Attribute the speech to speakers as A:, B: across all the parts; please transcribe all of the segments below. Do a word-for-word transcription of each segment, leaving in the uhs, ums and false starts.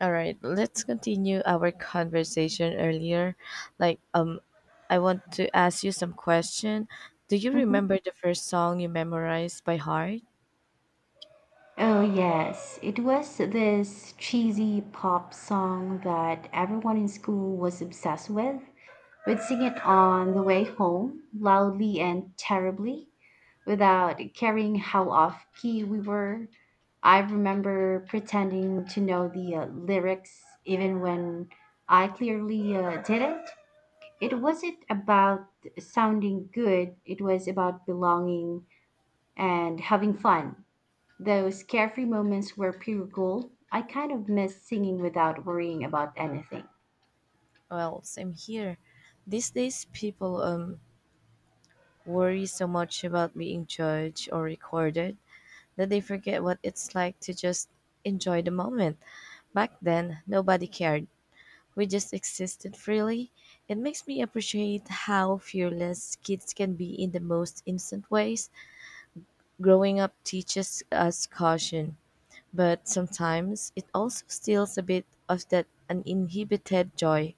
A: All right, let's continue our conversation earlier. Like, um, I want to ask you some question. Do you
B: Mhm.
A: remember the first song you memorized by heart?
B: Oh, yes. It was this cheesy pop song that everyone in school was obsessed with. We'd sing it on the way home, loudly and terribly, without caring how off key we were. I remember pretending to know the uh, lyrics even when I clearly uh, didn't. It wasn't about sounding good, it was about belonging and having fun. Those carefree moments were pure gold. I kind of miss singing without worrying about anything.
A: Well, same here. These days, people um worry so much about being judged or recorded that they forget what it's like to just enjoy the moment. Back then, nobody cared. We just existed freely. It makes me appreciate how fearless kids can be in the most innocent ways. Growing up teaches us caution, but sometimes it also steals a bit of that uninhibited joy.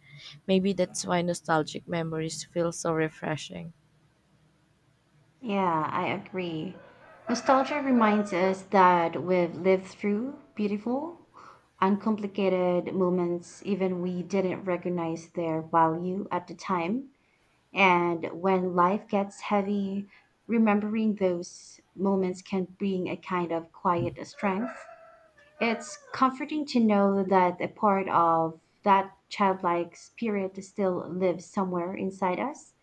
A: Maybe that's why nostalgic memories feel so refreshing.
B: Yeah, I agree. Nostalgia reminds us that we've lived through beautiful, uncomplicated moments, even we didn't recognize their value at the time. And when life gets heavy, remembering those moments can bring a kind of quiet strength. It's comforting to know that a part of that childlike spirit still lives somewhere inside us.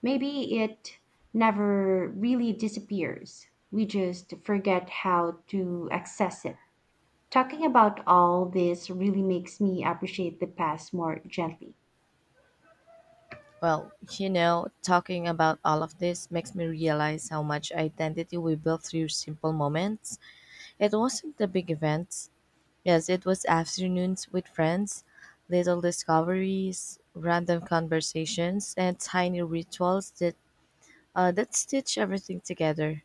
B: Maybe it never really disappears. We just forget how to access it. Talking about all this really makes me appreciate the past more gently.
A: Well, you know, talking about all of this makes me realize how much identity we built through simple moments. It wasn't the big events. Yes, it was afternoons with friends, little discoveries, random conversations, and tiny rituals that uh, that stitch everything together.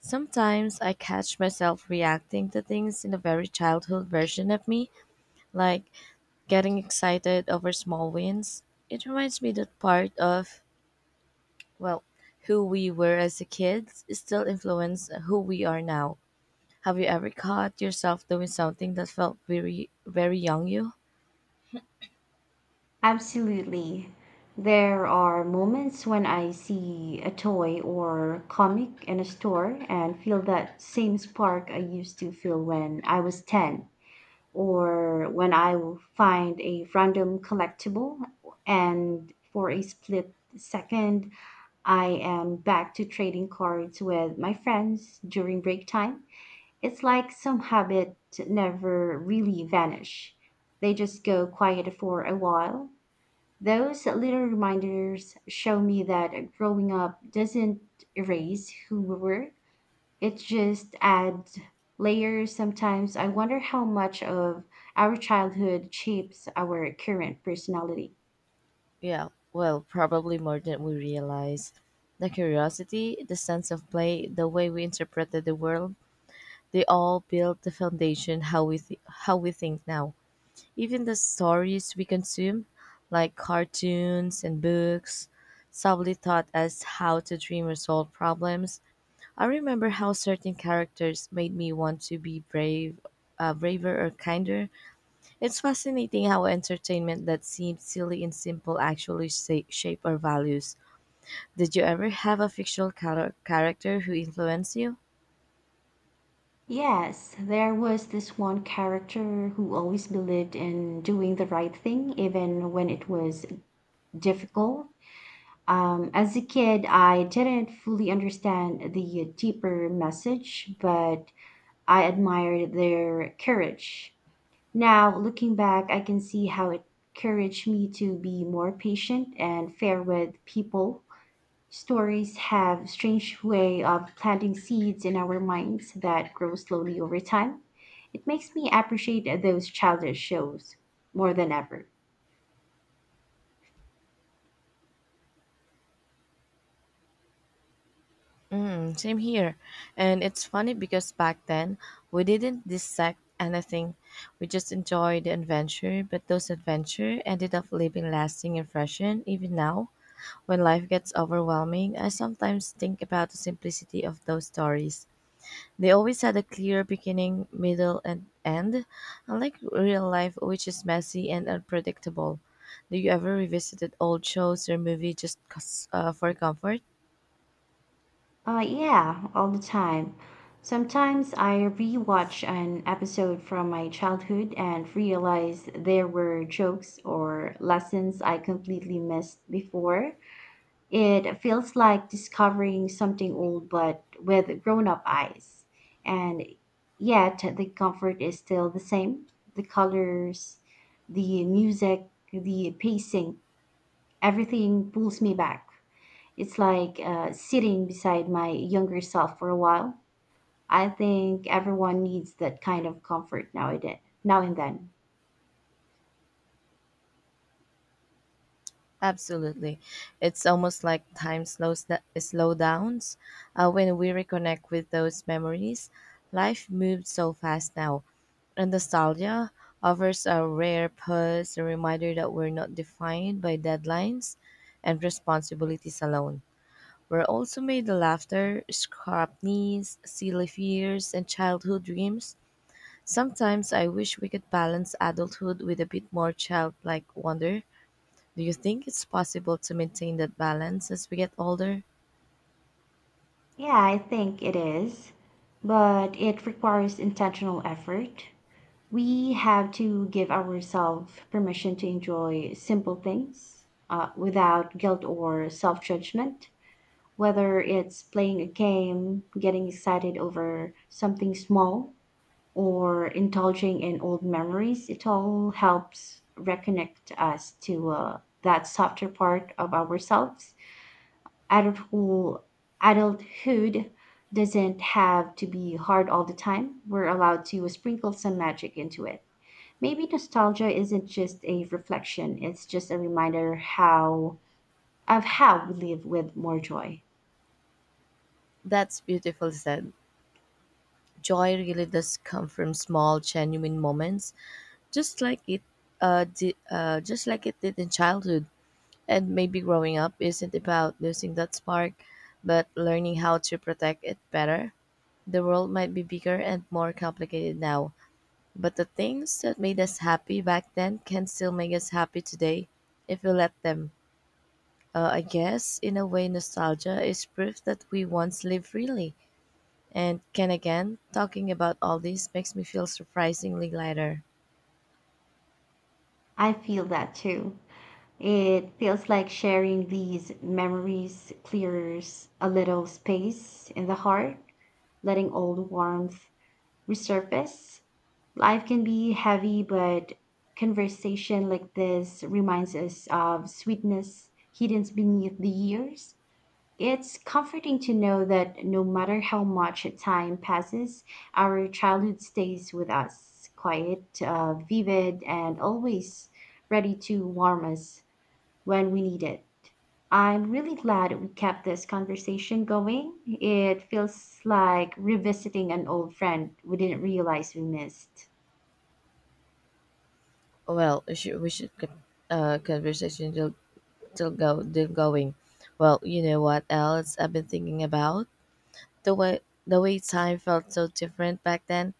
A: Sometimes I catch myself reacting to things in a very childhood version of me, like getting excited over small wins. It reminds me that part of, well, who we were as a kid still influence who we are now. Have you ever caught yourself doing something that felt very, very young you?
B: Absolutely. There are moments when I see a toy or comic in a store and feel that same spark I used to feel when I was ten. Or when I will find a random collectible and for a split second I am back to trading cards with my friends during break time. It's like some habit never really vanish. They just go quiet for a while. Those little reminders show me that growing up doesn't erase who we were. It just adds layers. Sometimes I wonder how much of our childhood shapes our current personality.
A: Yeah, well, probably more than we realize. The curiosity, the sense of play, the way we interpreted the world, they all built the foundation how we th- how we think now. Even the stories we consume, like cartoons and books, subtly taught us how to dream or solve problems. I remember how certain characters made me want to be brave, uh, braver or kinder. It's fascinating how entertainment that seemed silly and simple actually sa- shape our values. Did you ever have a fictional char- character who influenced you?
B: Yes, there was this one character who always believed in doing the right thing, even when it was difficult. Um, as a kid, I didn't fully understand the deeper message, but I admired their courage. Now, looking back, I can see how it encouraged me to be more patient and fair with people. Stories have strange way of planting seeds in our minds that grow slowly over time. It makes me appreciate those childish shows more than ever.
A: Mm, same here. And it's funny because back then we didn't dissect anything. We just enjoyed the adventure, but those adventures ended up leaving lasting impression even now. When life gets overwhelming, I sometimes think about the simplicity of those stories. They always had a clear beginning, middle, and end, unlike real life, which is messy and unpredictable. Do you ever revisit old shows or movies just 'cause, uh, for comfort?
B: Uh, yeah, all the time. Sometimes I rewatch an episode from my childhood and realize there were jokes or lessons I completely missed before. It feels like discovering something old but with grown up eyes. And yet the comfort is still the same. The colors, the music, the pacing, everything pulls me back. It's like uh, sitting beside my younger self for a while. I think everyone needs that kind of comfort nowadays, now and then.
A: Absolutely. It's almost like time slows da- slow downs uh, when we reconnect with those memories. Life moves so fast now, and nostalgia offers a rare pause, a reminder that we're not defined by deadlines and responsibilities alone. We're also made the laughter, scrap knees, silly fears, and childhood dreams. Sometimes I wish we could balance adulthood with a bit more childlike wonder. Do you think it's possible to maintain that balance as we get older?
B: Yeah, I think it is, but it requires intentional effort. We have to give ourselves permission to enjoy simple things uh, without guilt or self judgment, whether it's playing a game, getting excited over something small, or indulging in old memories. It all helps reconnect us to uh, that softer part of ourselves. Adulthood, adulthood doesn't have to be hard all the time. We're allowed to sprinkle some magic into it. Maybe nostalgia isn't just a reflection, it's just a reminder how of how we live with more joy.
A: That's beautiful said. Joy really does come from small, genuine moments, just like it, uh, di- uh, just like it did in childhood. And maybe growing up isn't about losing that spark, but learning how to protect it better. The world might be bigger and more complicated now, but the things that made us happy back then can still make us happy today if we let them. Uh, I guess, in a way, nostalgia is proof that we once lived freely and can again. Talking about all this makes me feel surprisingly lighter.
B: I feel that too. It feels like sharing these memories clears a little space in the heart, letting old warmth resurface. Life can be heavy, but conversation like this reminds us of sweetness hidden beneath the years. It's comforting to know that no matter how much time passes, our childhood stays with us, quiet, uh, vivid, and always ready to warm us when we need it. I'm really glad we kept this conversation going. It feels like revisiting an old friend we didn't realize we missed.
A: Well, we should, we should co- uh, conversation till, till go till going. Well, you know what else I've been thinking about: the way the way time felt so different back then.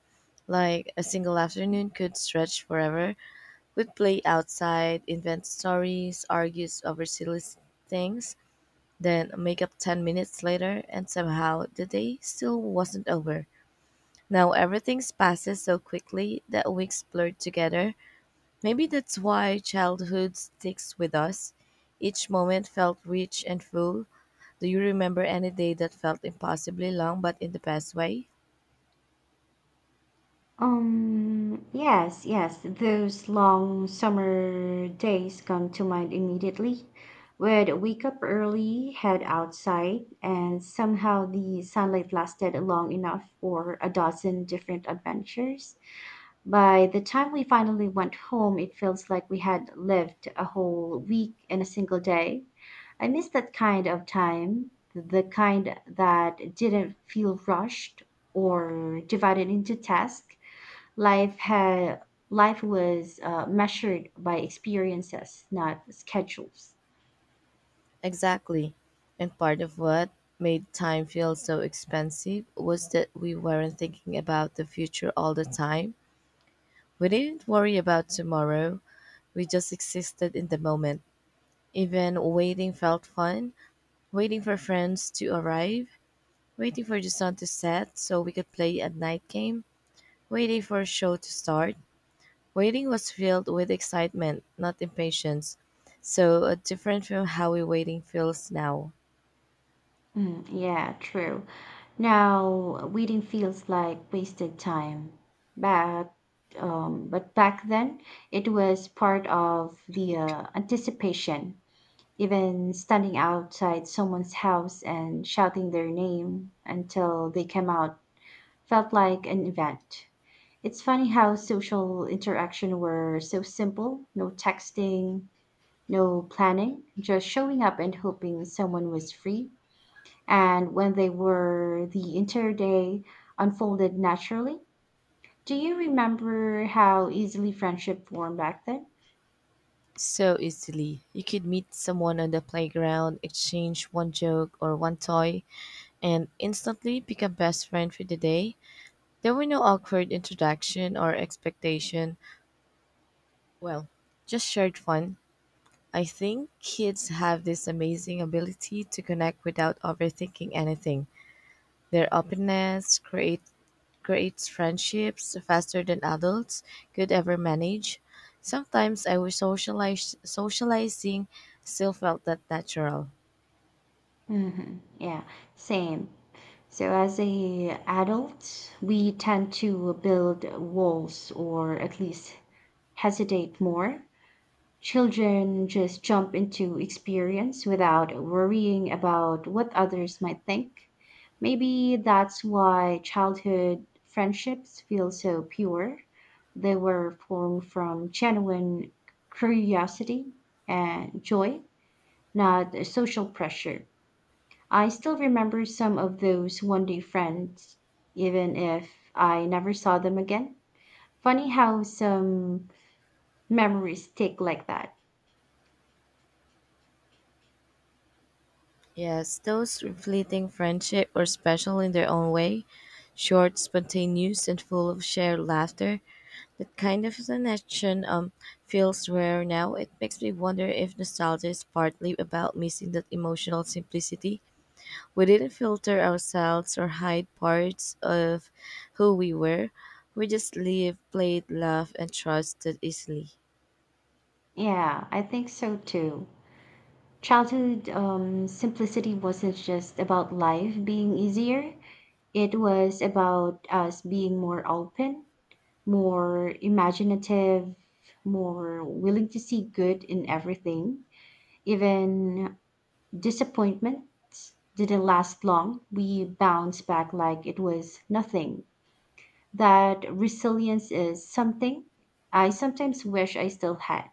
A: Like a single afternoon could stretch forever. We'd play outside, invent stories, argue over silly s- things, then make up ten minutes later, and somehow the day still wasn't over. Now everything passes so quickly that weeks blur together. Maybe that's why childhood sticks with us. Each moment felt rich and full. Do you remember any day that felt impossibly long but in the best way?
B: Um, yes, yes, those long summer days come to mind immediately. We'd wake up early, head outside, and somehow the sunlight lasted long enough for a dozen different adventures. By the time we finally went home, it feels like we had lived a whole week in a single day. I miss that kind of time, the kind that didn't feel rushed or divided into tasks. Life had life was uh, measured by experiences, not schedules.
A: Exactly. And part of what made time feel so expensive was that we weren't thinking about the future all the time. We didn't worry about tomorrow. We just existed in the moment. Even waiting felt fun. Waiting for friends to arrive. Waiting for the sun to set so we could play a night game. Waiting for a show to start. Waiting was filled with excitement, not impatience. So uh, different from how we waiting feels now.
B: Mm, yeah, true. Now waiting feels like wasted time, but um, but back then it was part of the uh, anticipation. Even standing outside someone's house and shouting their name until they came out felt like an event. It's funny how social interaction were so simple no texting, no planning, just showing up and hoping someone was free. And when they were, the entire day unfolded naturally. Do you remember how easily friendship formed back then?
A: So easily. You could meet someone on the playground, exchange one joke or one toy, and instantly become best friend for the day. There were no awkward introduction or expectation. Well, just shared fun. I think kids have this amazing ability to connect without overthinking anything. Their openness create, creates friendships faster than adults could ever manage. Sometimes I wish socialize, socializing still felt that natural.
B: Mm-hmm. Yeah, same. So as a adult, we tend to build walls or at least hesitate more. Children just jump into experience without worrying about what others might think. Maybe that's why childhood friendships feel so pure. They were formed from genuine curiosity and joy, not social pressure. I still remember some of those one day friends, even if I never saw them again. Funny how some memories stick like that.
A: Yes, those fleeting friendship were special in their own way, short, spontaneous, and full of shared laughter. That kind of connection um feels rare now. It makes me wonder if nostalgia is partly about missing that emotional simplicity. We didn't filter ourselves or hide parts of who we were. We just lived, played, laughed, and trusted easily.
B: Yeah, I think so too. Childhood um, simplicity wasn't just about life being easier, it was about us being more open, more imaginative, more willing to see good in everything. Even disappointments didn't last long. We bounced back like it was nothing. That resilience is something I sometimes wish I still had.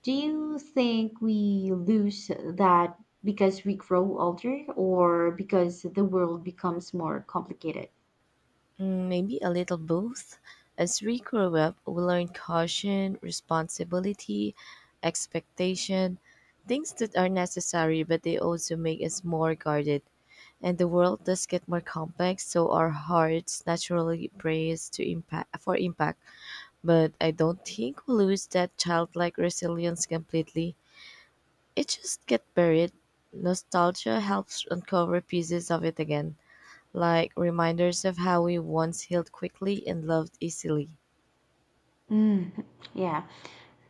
B: Do you think we lose that because we grow older or because the world becomes more complicated?
A: Mm, maybe a little both. As we grow up, we learn caution, responsibility, expectation, things that are necessary, but they also make us more guarded. And the world does get more complex, so our hearts naturally brace to impact for impact. But I don't think we lose that childlike resilience completely. It just get buried. Nostalgia helps uncover pieces of it again like reminders of how we once healed quickly and loved easily.
B: Mm, yeah.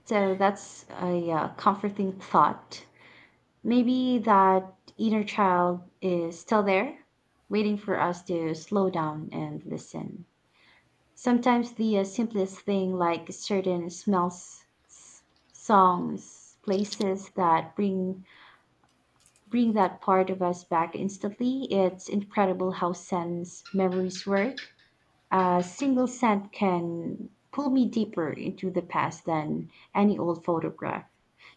B: So that's a uh, comforting thought. Maybe that inner child is still there, waiting for us to slow down and listen. Sometimes the uh, simplest thing, like certain smells, s- songs, places that bring bring that part of us back instantly. It's incredible how scents memories work. A single scent can pull me deeper into the past than any old photograph.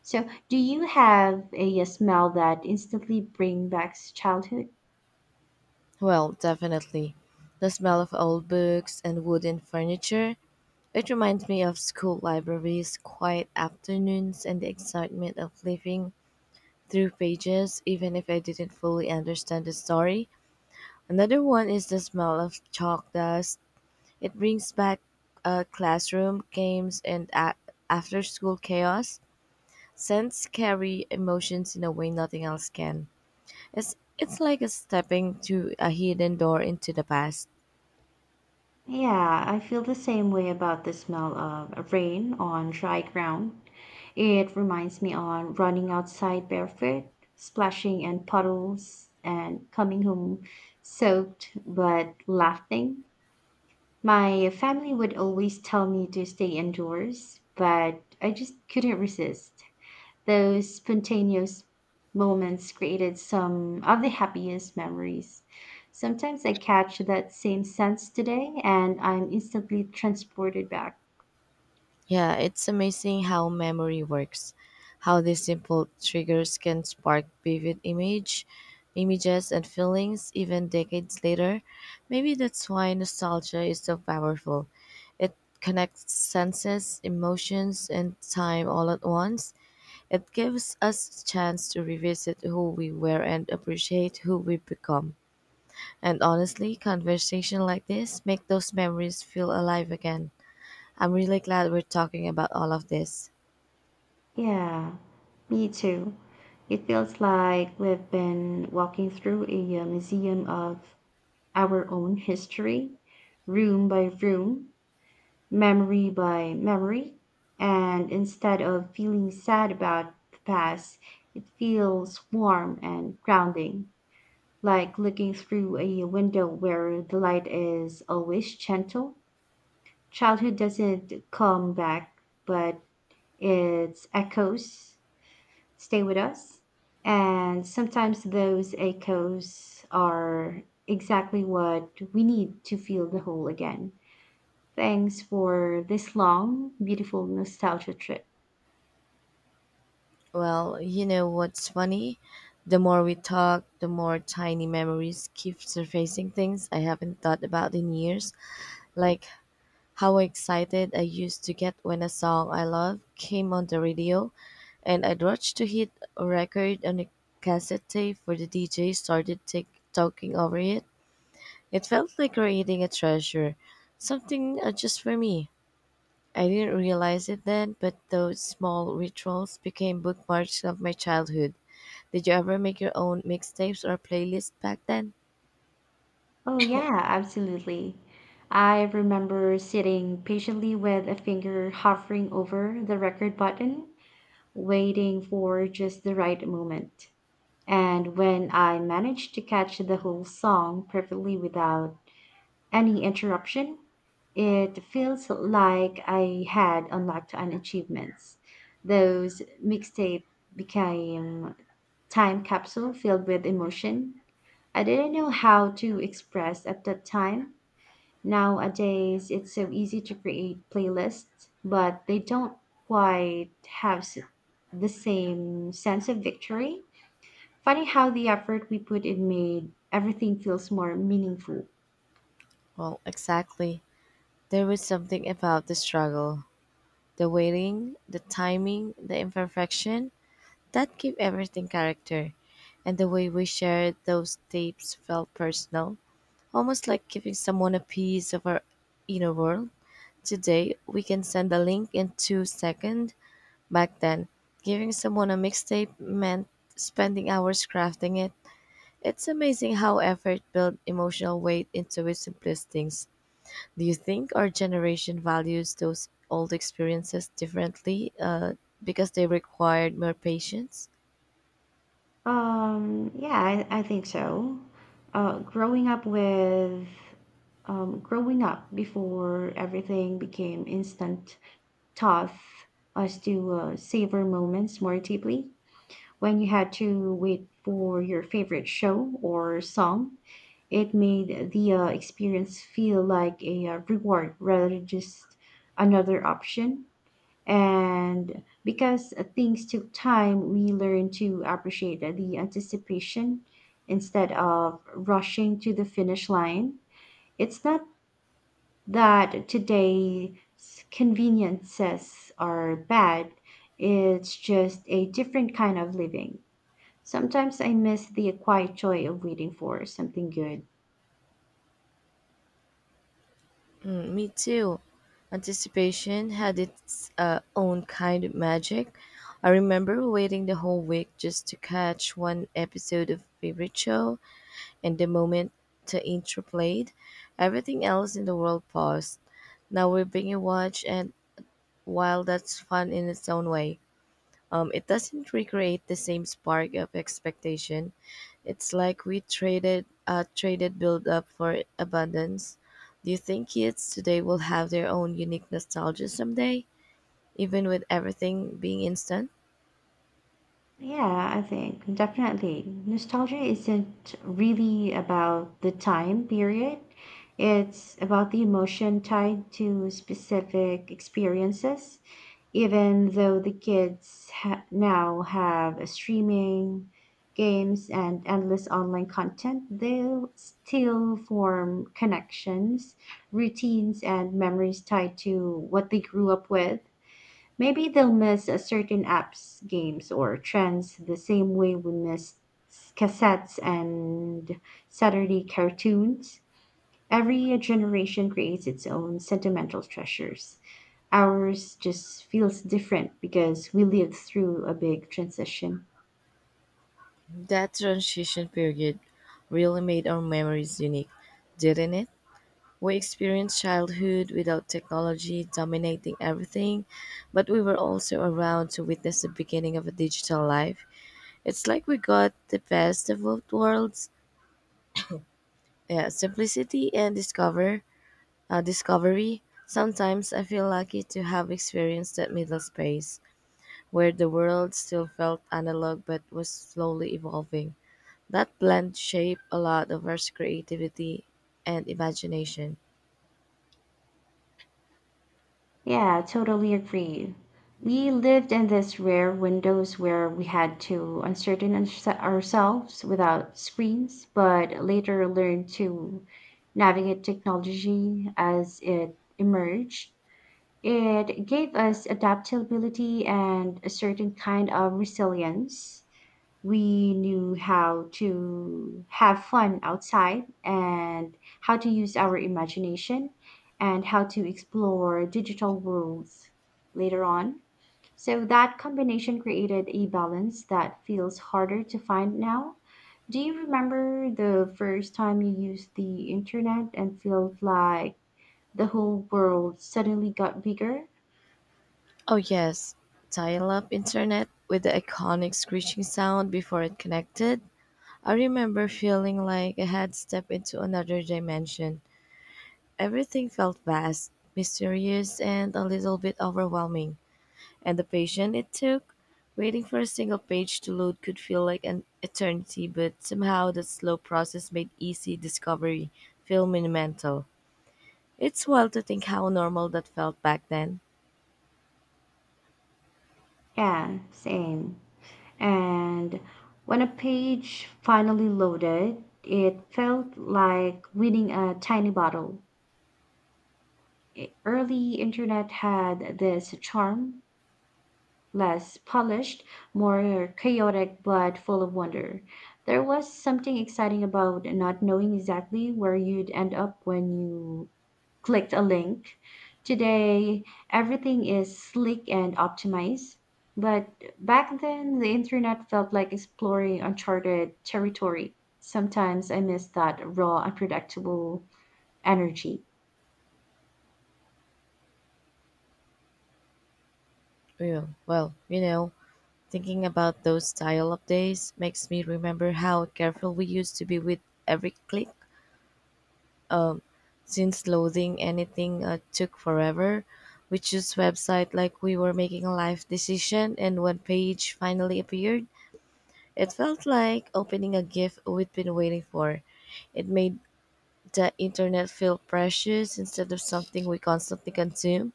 B: So, do you have a, a smell that instantly bring back childhood?
A: Well, definitely. The smell of old books and wooden furniture. It reminds me of school libraries, quiet afternoons, and the excitement of flipping through pages, even if I didn't fully understand the story. Another one is the smell of chalk dust. It brings back uh, classroom games and a- after school chaos. Scents carry emotions in a way nothing else can. It's it's like a stepping to a hidden door into the past.
B: Yeah, I feel the same way about the smell of rain on dry ground. It reminds me on running outside barefoot, splashing in puddles, and coming home soaked but laughing. My family would always tell me to stay indoors, but I just couldn't resist. Those spontaneous moments created some of the happiest memories. Sometimes I catch that same sense today and I'm instantly transported back.
A: Yeah, it's amazing how memory works. How these simple triggers can spark vivid image images and feelings even decades later. Maybe that's why nostalgia is so powerful. It connects senses, emotions and time all at once. It gives us a chance to revisit who we were and appreciate who we've become. And honestly, conversation like this make those memories feel alive again. I'm really glad we're talking about all of this.
B: Yeah, me too. It feels like we've been walking through a uh, museum of our own history, room by room, memory by memory. And instead of feeling sad about the past, it feels warm and grounding, like looking through a window where the light is always gentle. Childhood doesn't come back, but its echoes stay with us. And sometimes those echoes are exactly what we need to feel the whole again. Thanks for this long, beautiful nostalgia trip.
A: Well, you know what's funny? The more we talk, the more tiny memories keep surfacing things I haven't thought about in years, like how excited I used to get when a song I love came on the radio and I'd rush to hit a record on a cassette tape for the D J started take, talking over it. It felt like creating a treasure, something uh, just for me. I didn't realize it then, but those small rituals became bookmarks of my childhood. Did you ever make your own mixtapes or playlists back then?
B: Oh, yeah, absolutely. I remember sitting patiently with a finger hovering over the record button, waiting for just the right moment. And when I managed to catch the whole song perfectly without any interruption. It feels like I had unlocked an achievements. Those mixtape became time capsule filled with emotion. I didn't know how to express at that time. Nowadays, it's so easy to create playlists, but they don't quite have s- the same sense of victory. Funny how the effort we put in made everything feels more meaningful.
A: Well, exactly. There was something about the struggle, the waiting, the timing, the imperfection that gave everything character. And the way we shared those tapes felt personal, almost like giving someone a piece of our inner world. Today, we can send a link in two seconds. Back then, giving someone a mixtape meant spending hours crafting it. It's amazing how effort built emotional weight into its simplest things. Do you think our generation values those old experiences differently uh, because they required more patience?
B: Um, yeah, I, I think so. Uh, growing up with, um, Growing up before everything became instant taught us to uh, savor moments more deeply. When you had to wait for your favorite show or song, it made the uh, experience feel like a uh, reward rather than just another option. And because uh, things took time, we learned to appreciate the anticipation instead of rushing to the finish line. It's not that today's conveniences are bad, it's just a different kind of living. Sometimes I miss the quiet joy of waiting for something good.
A: Me too. Anticipation had its uh, own kind of magic. I remember waiting the whole week just to catch one episode of favorite show, and the moment the intro played, everything else in the world paused. Now we're being watched, and while that's fun in its own way, um, it doesn't recreate the same spark of expectation. It's like we traded uh, traded build up for abundance. Do you think kids today will have their own unique nostalgia someday, even with everything being instant?
B: Yeah, I think definitely. Nostalgia isn't really about the time period, it's about the emotion tied to specific experiences. Even though the kids ha- now have streaming, games, and endless online content, they'll still form connections, routines, and memories tied to what they grew up with. Maybe they'll miss a certain apps, games, or trends the same way we missed cassettes and Saturday cartoons. Every generation creates its own sentimental treasures. Ours just feels different because we lived through a big transition.
A: That transition period really made our memories unique, didn't it? We experienced childhood without technology dominating everything, but we were also around to witness the beginning of a digital life. It's like we got the best of both worlds, yeah, simplicity and discover uh, discovery. Sometimes I feel lucky to have experienced that middle space where the world still felt analog but was slowly evolving. That blend shaped a lot of our creativity and imagination.
B: Yeah, totally agree. We lived in this rare windows where we had to uncertain ourse- ourselves without screens, but later learned to navigate technology as it emerged. It gave us adaptability and a certain kind of resilience. We knew how to have fun outside and how to use our imagination and how to explore digital worlds later on. So that combination created a balance that feels harder to find now. Do you remember the first time you used the internet and felt like the whole world suddenly got bigger?
A: Oh yes, dial-up internet with the iconic screeching sound before it connected. I remember feeling like I had stepped into another dimension. Everything felt vast, mysterious, and a little bit overwhelming. And the patience it took, waiting for a single page to load, could feel like an eternity, but somehow that slow process made easy discovery feel monumental. It's wild to think how normal that felt back then.
B: Yeah, same. And when a page finally loaded, it felt like winning a tiny bottle. E- Early internet had this charm, less polished, more chaotic, but full of wonder. There was something exciting about not knowing exactly where you'd end up when you clicked a link. Today, everything is slick and optimized. But back then, the internet felt like exploring uncharted territory. Sometimes I miss that raw, unpredictable energy.
A: Well, well, you know, thinking about those dial-up days makes me remember how careful we used to be with every click. Since loading anything uh, took forever, we chose website like we were making a life decision and when page finally appeared, it felt like opening a gift we'd been waiting for. It made the internet feel precious instead of something we constantly consume.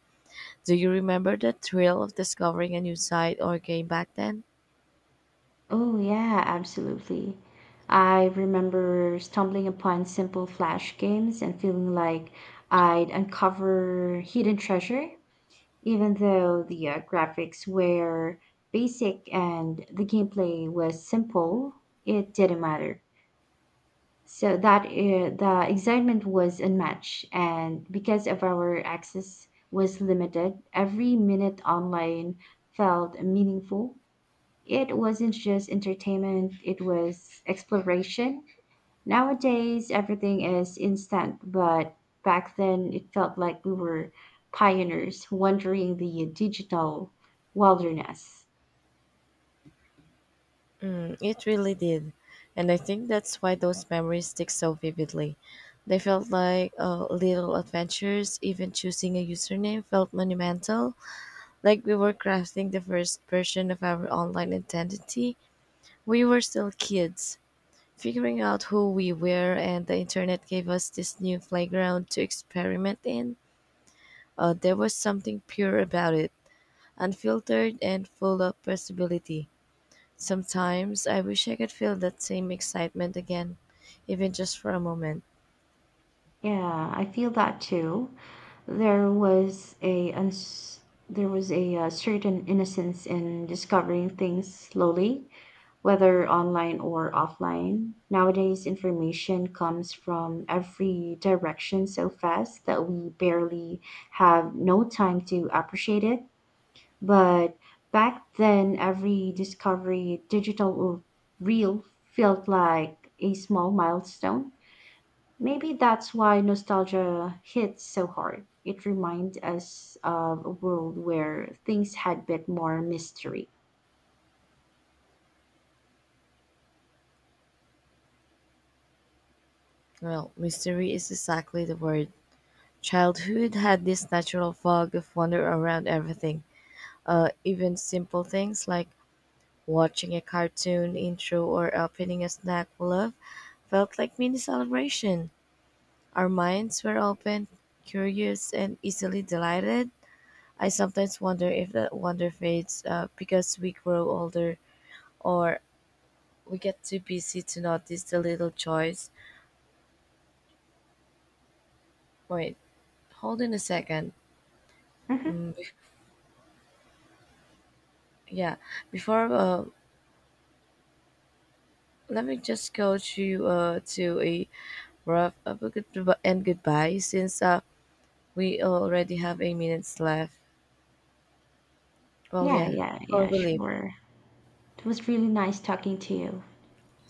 A: Do you remember the thrill of discovering a new site or game back then?
B: Oh, yeah, absolutely. I remember stumbling upon simple Flash games and feeling like I'd uncover hidden treasure. Even though the uh, graphics were basic and the gameplay was simple, it didn't matter. So that uh, the excitement was unmatched, and because of our access was limited, every minute online felt meaningful. It wasn't just entertainment; it was exploration. Nowadays, everything is instant, but back then it felt like we were pioneers wandering the digital wilderness.
A: It really did. And I think that's why those memories stick so vividly. They felt like uh, little adventures, even choosing a username felt monumental. Like we were crafting the first version of our online identity. We were still kids, figuring out who we were, and the internet gave us this new playground to experiment in. Uh, there was something pure about it, unfiltered and full of possibility. Sometimes I wish I could feel that same excitement again, even just for a moment.
B: Yeah, I feel that too. There was a uns- there was a, uh certain innocence in discovering things slowly, whether online or offline. Nowadays, information comes from every direction so fast that we barely have no time to appreciate it. But back then, every discovery, digital or real, felt like a small milestone. Maybe that's why nostalgia hits so hard. It reminds us of a world where things had a bit more mystery.
A: Well, mystery is exactly the word. Childhood had this natural fog of wonder around everything, uh, even simple things like watching a cartoon intro or opening a snack we love felt like mini celebration. Our minds were open, curious, and easily delighted. I sometimes wonder if that wonder fades uh, because we grow older or we get too busy to notice the little joys. Wait, hold on a second.
B: Mhm.
A: Mm, be- yeah, before uh, let me just go to uh to a rough uh, but good and goodbye since uh we already have eight minutes left. Well,
B: Yeah,
A: yeah,
B: yeah,
A: before
B: yeah,
A: we leave,
B: sure. It was really nice talking to you.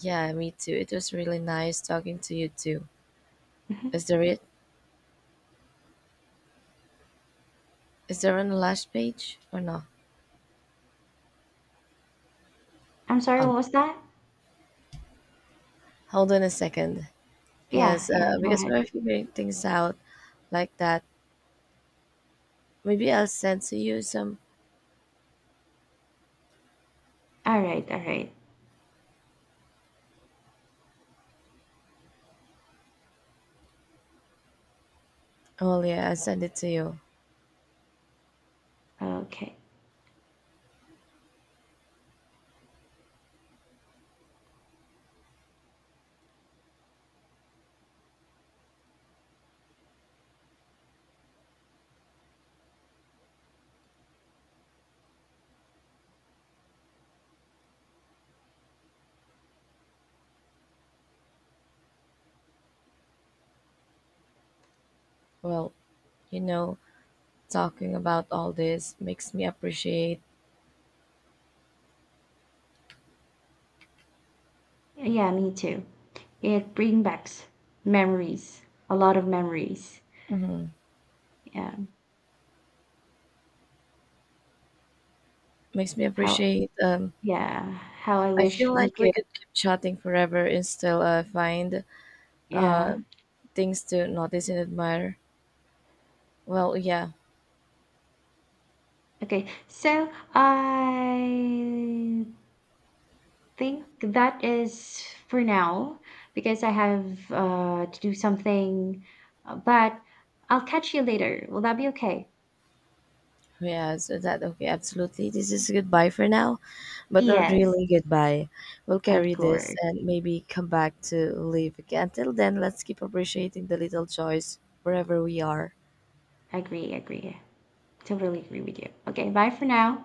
A: yeah, me too. It was really nice talking to you too.
B: Mhm.
A: Is there it? Is there on the last page or no?
B: I'm sorry,
A: Um,
B: what was that?
A: hold on a second.
B: Yeah,
A: Yes,
B: yeah,
A: uh,
B: go
A: because
B: ahead.
A: we're figuring things out like that. Maybe I'll send to you some.
B: All right, all right.
A: Well, yeah, I send it to you.
B: Okay.
A: Well, you know, talking about all this makes me appreciate
B: Yeah, me too. It brings back memories, a lot of memories. Yeah.
A: makes me
B: How
A: appreciate um
B: yeah, how I
A: I
B: wish
A: feel
B: we
A: like we
B: could
A: could keep chatting forever and still uh, find
B: yeah.
A: uh, things to notice and admire. Well, yeah.
B: Okay. So I think that is for now because I have uh to do something, uh, but I'll catch you later. Will that be okay?
A: Yeah, so that okay, absolutely. This is goodbye for now, but not
B: Yes,
A: really goodbye. We'll
B: of
A: carry this
B: course.
A: and maybe come back to live again. Until then, let's keep appreciating the little joys wherever we are.
B: Agree, agree. Totally agree with you. Okay, bye for now.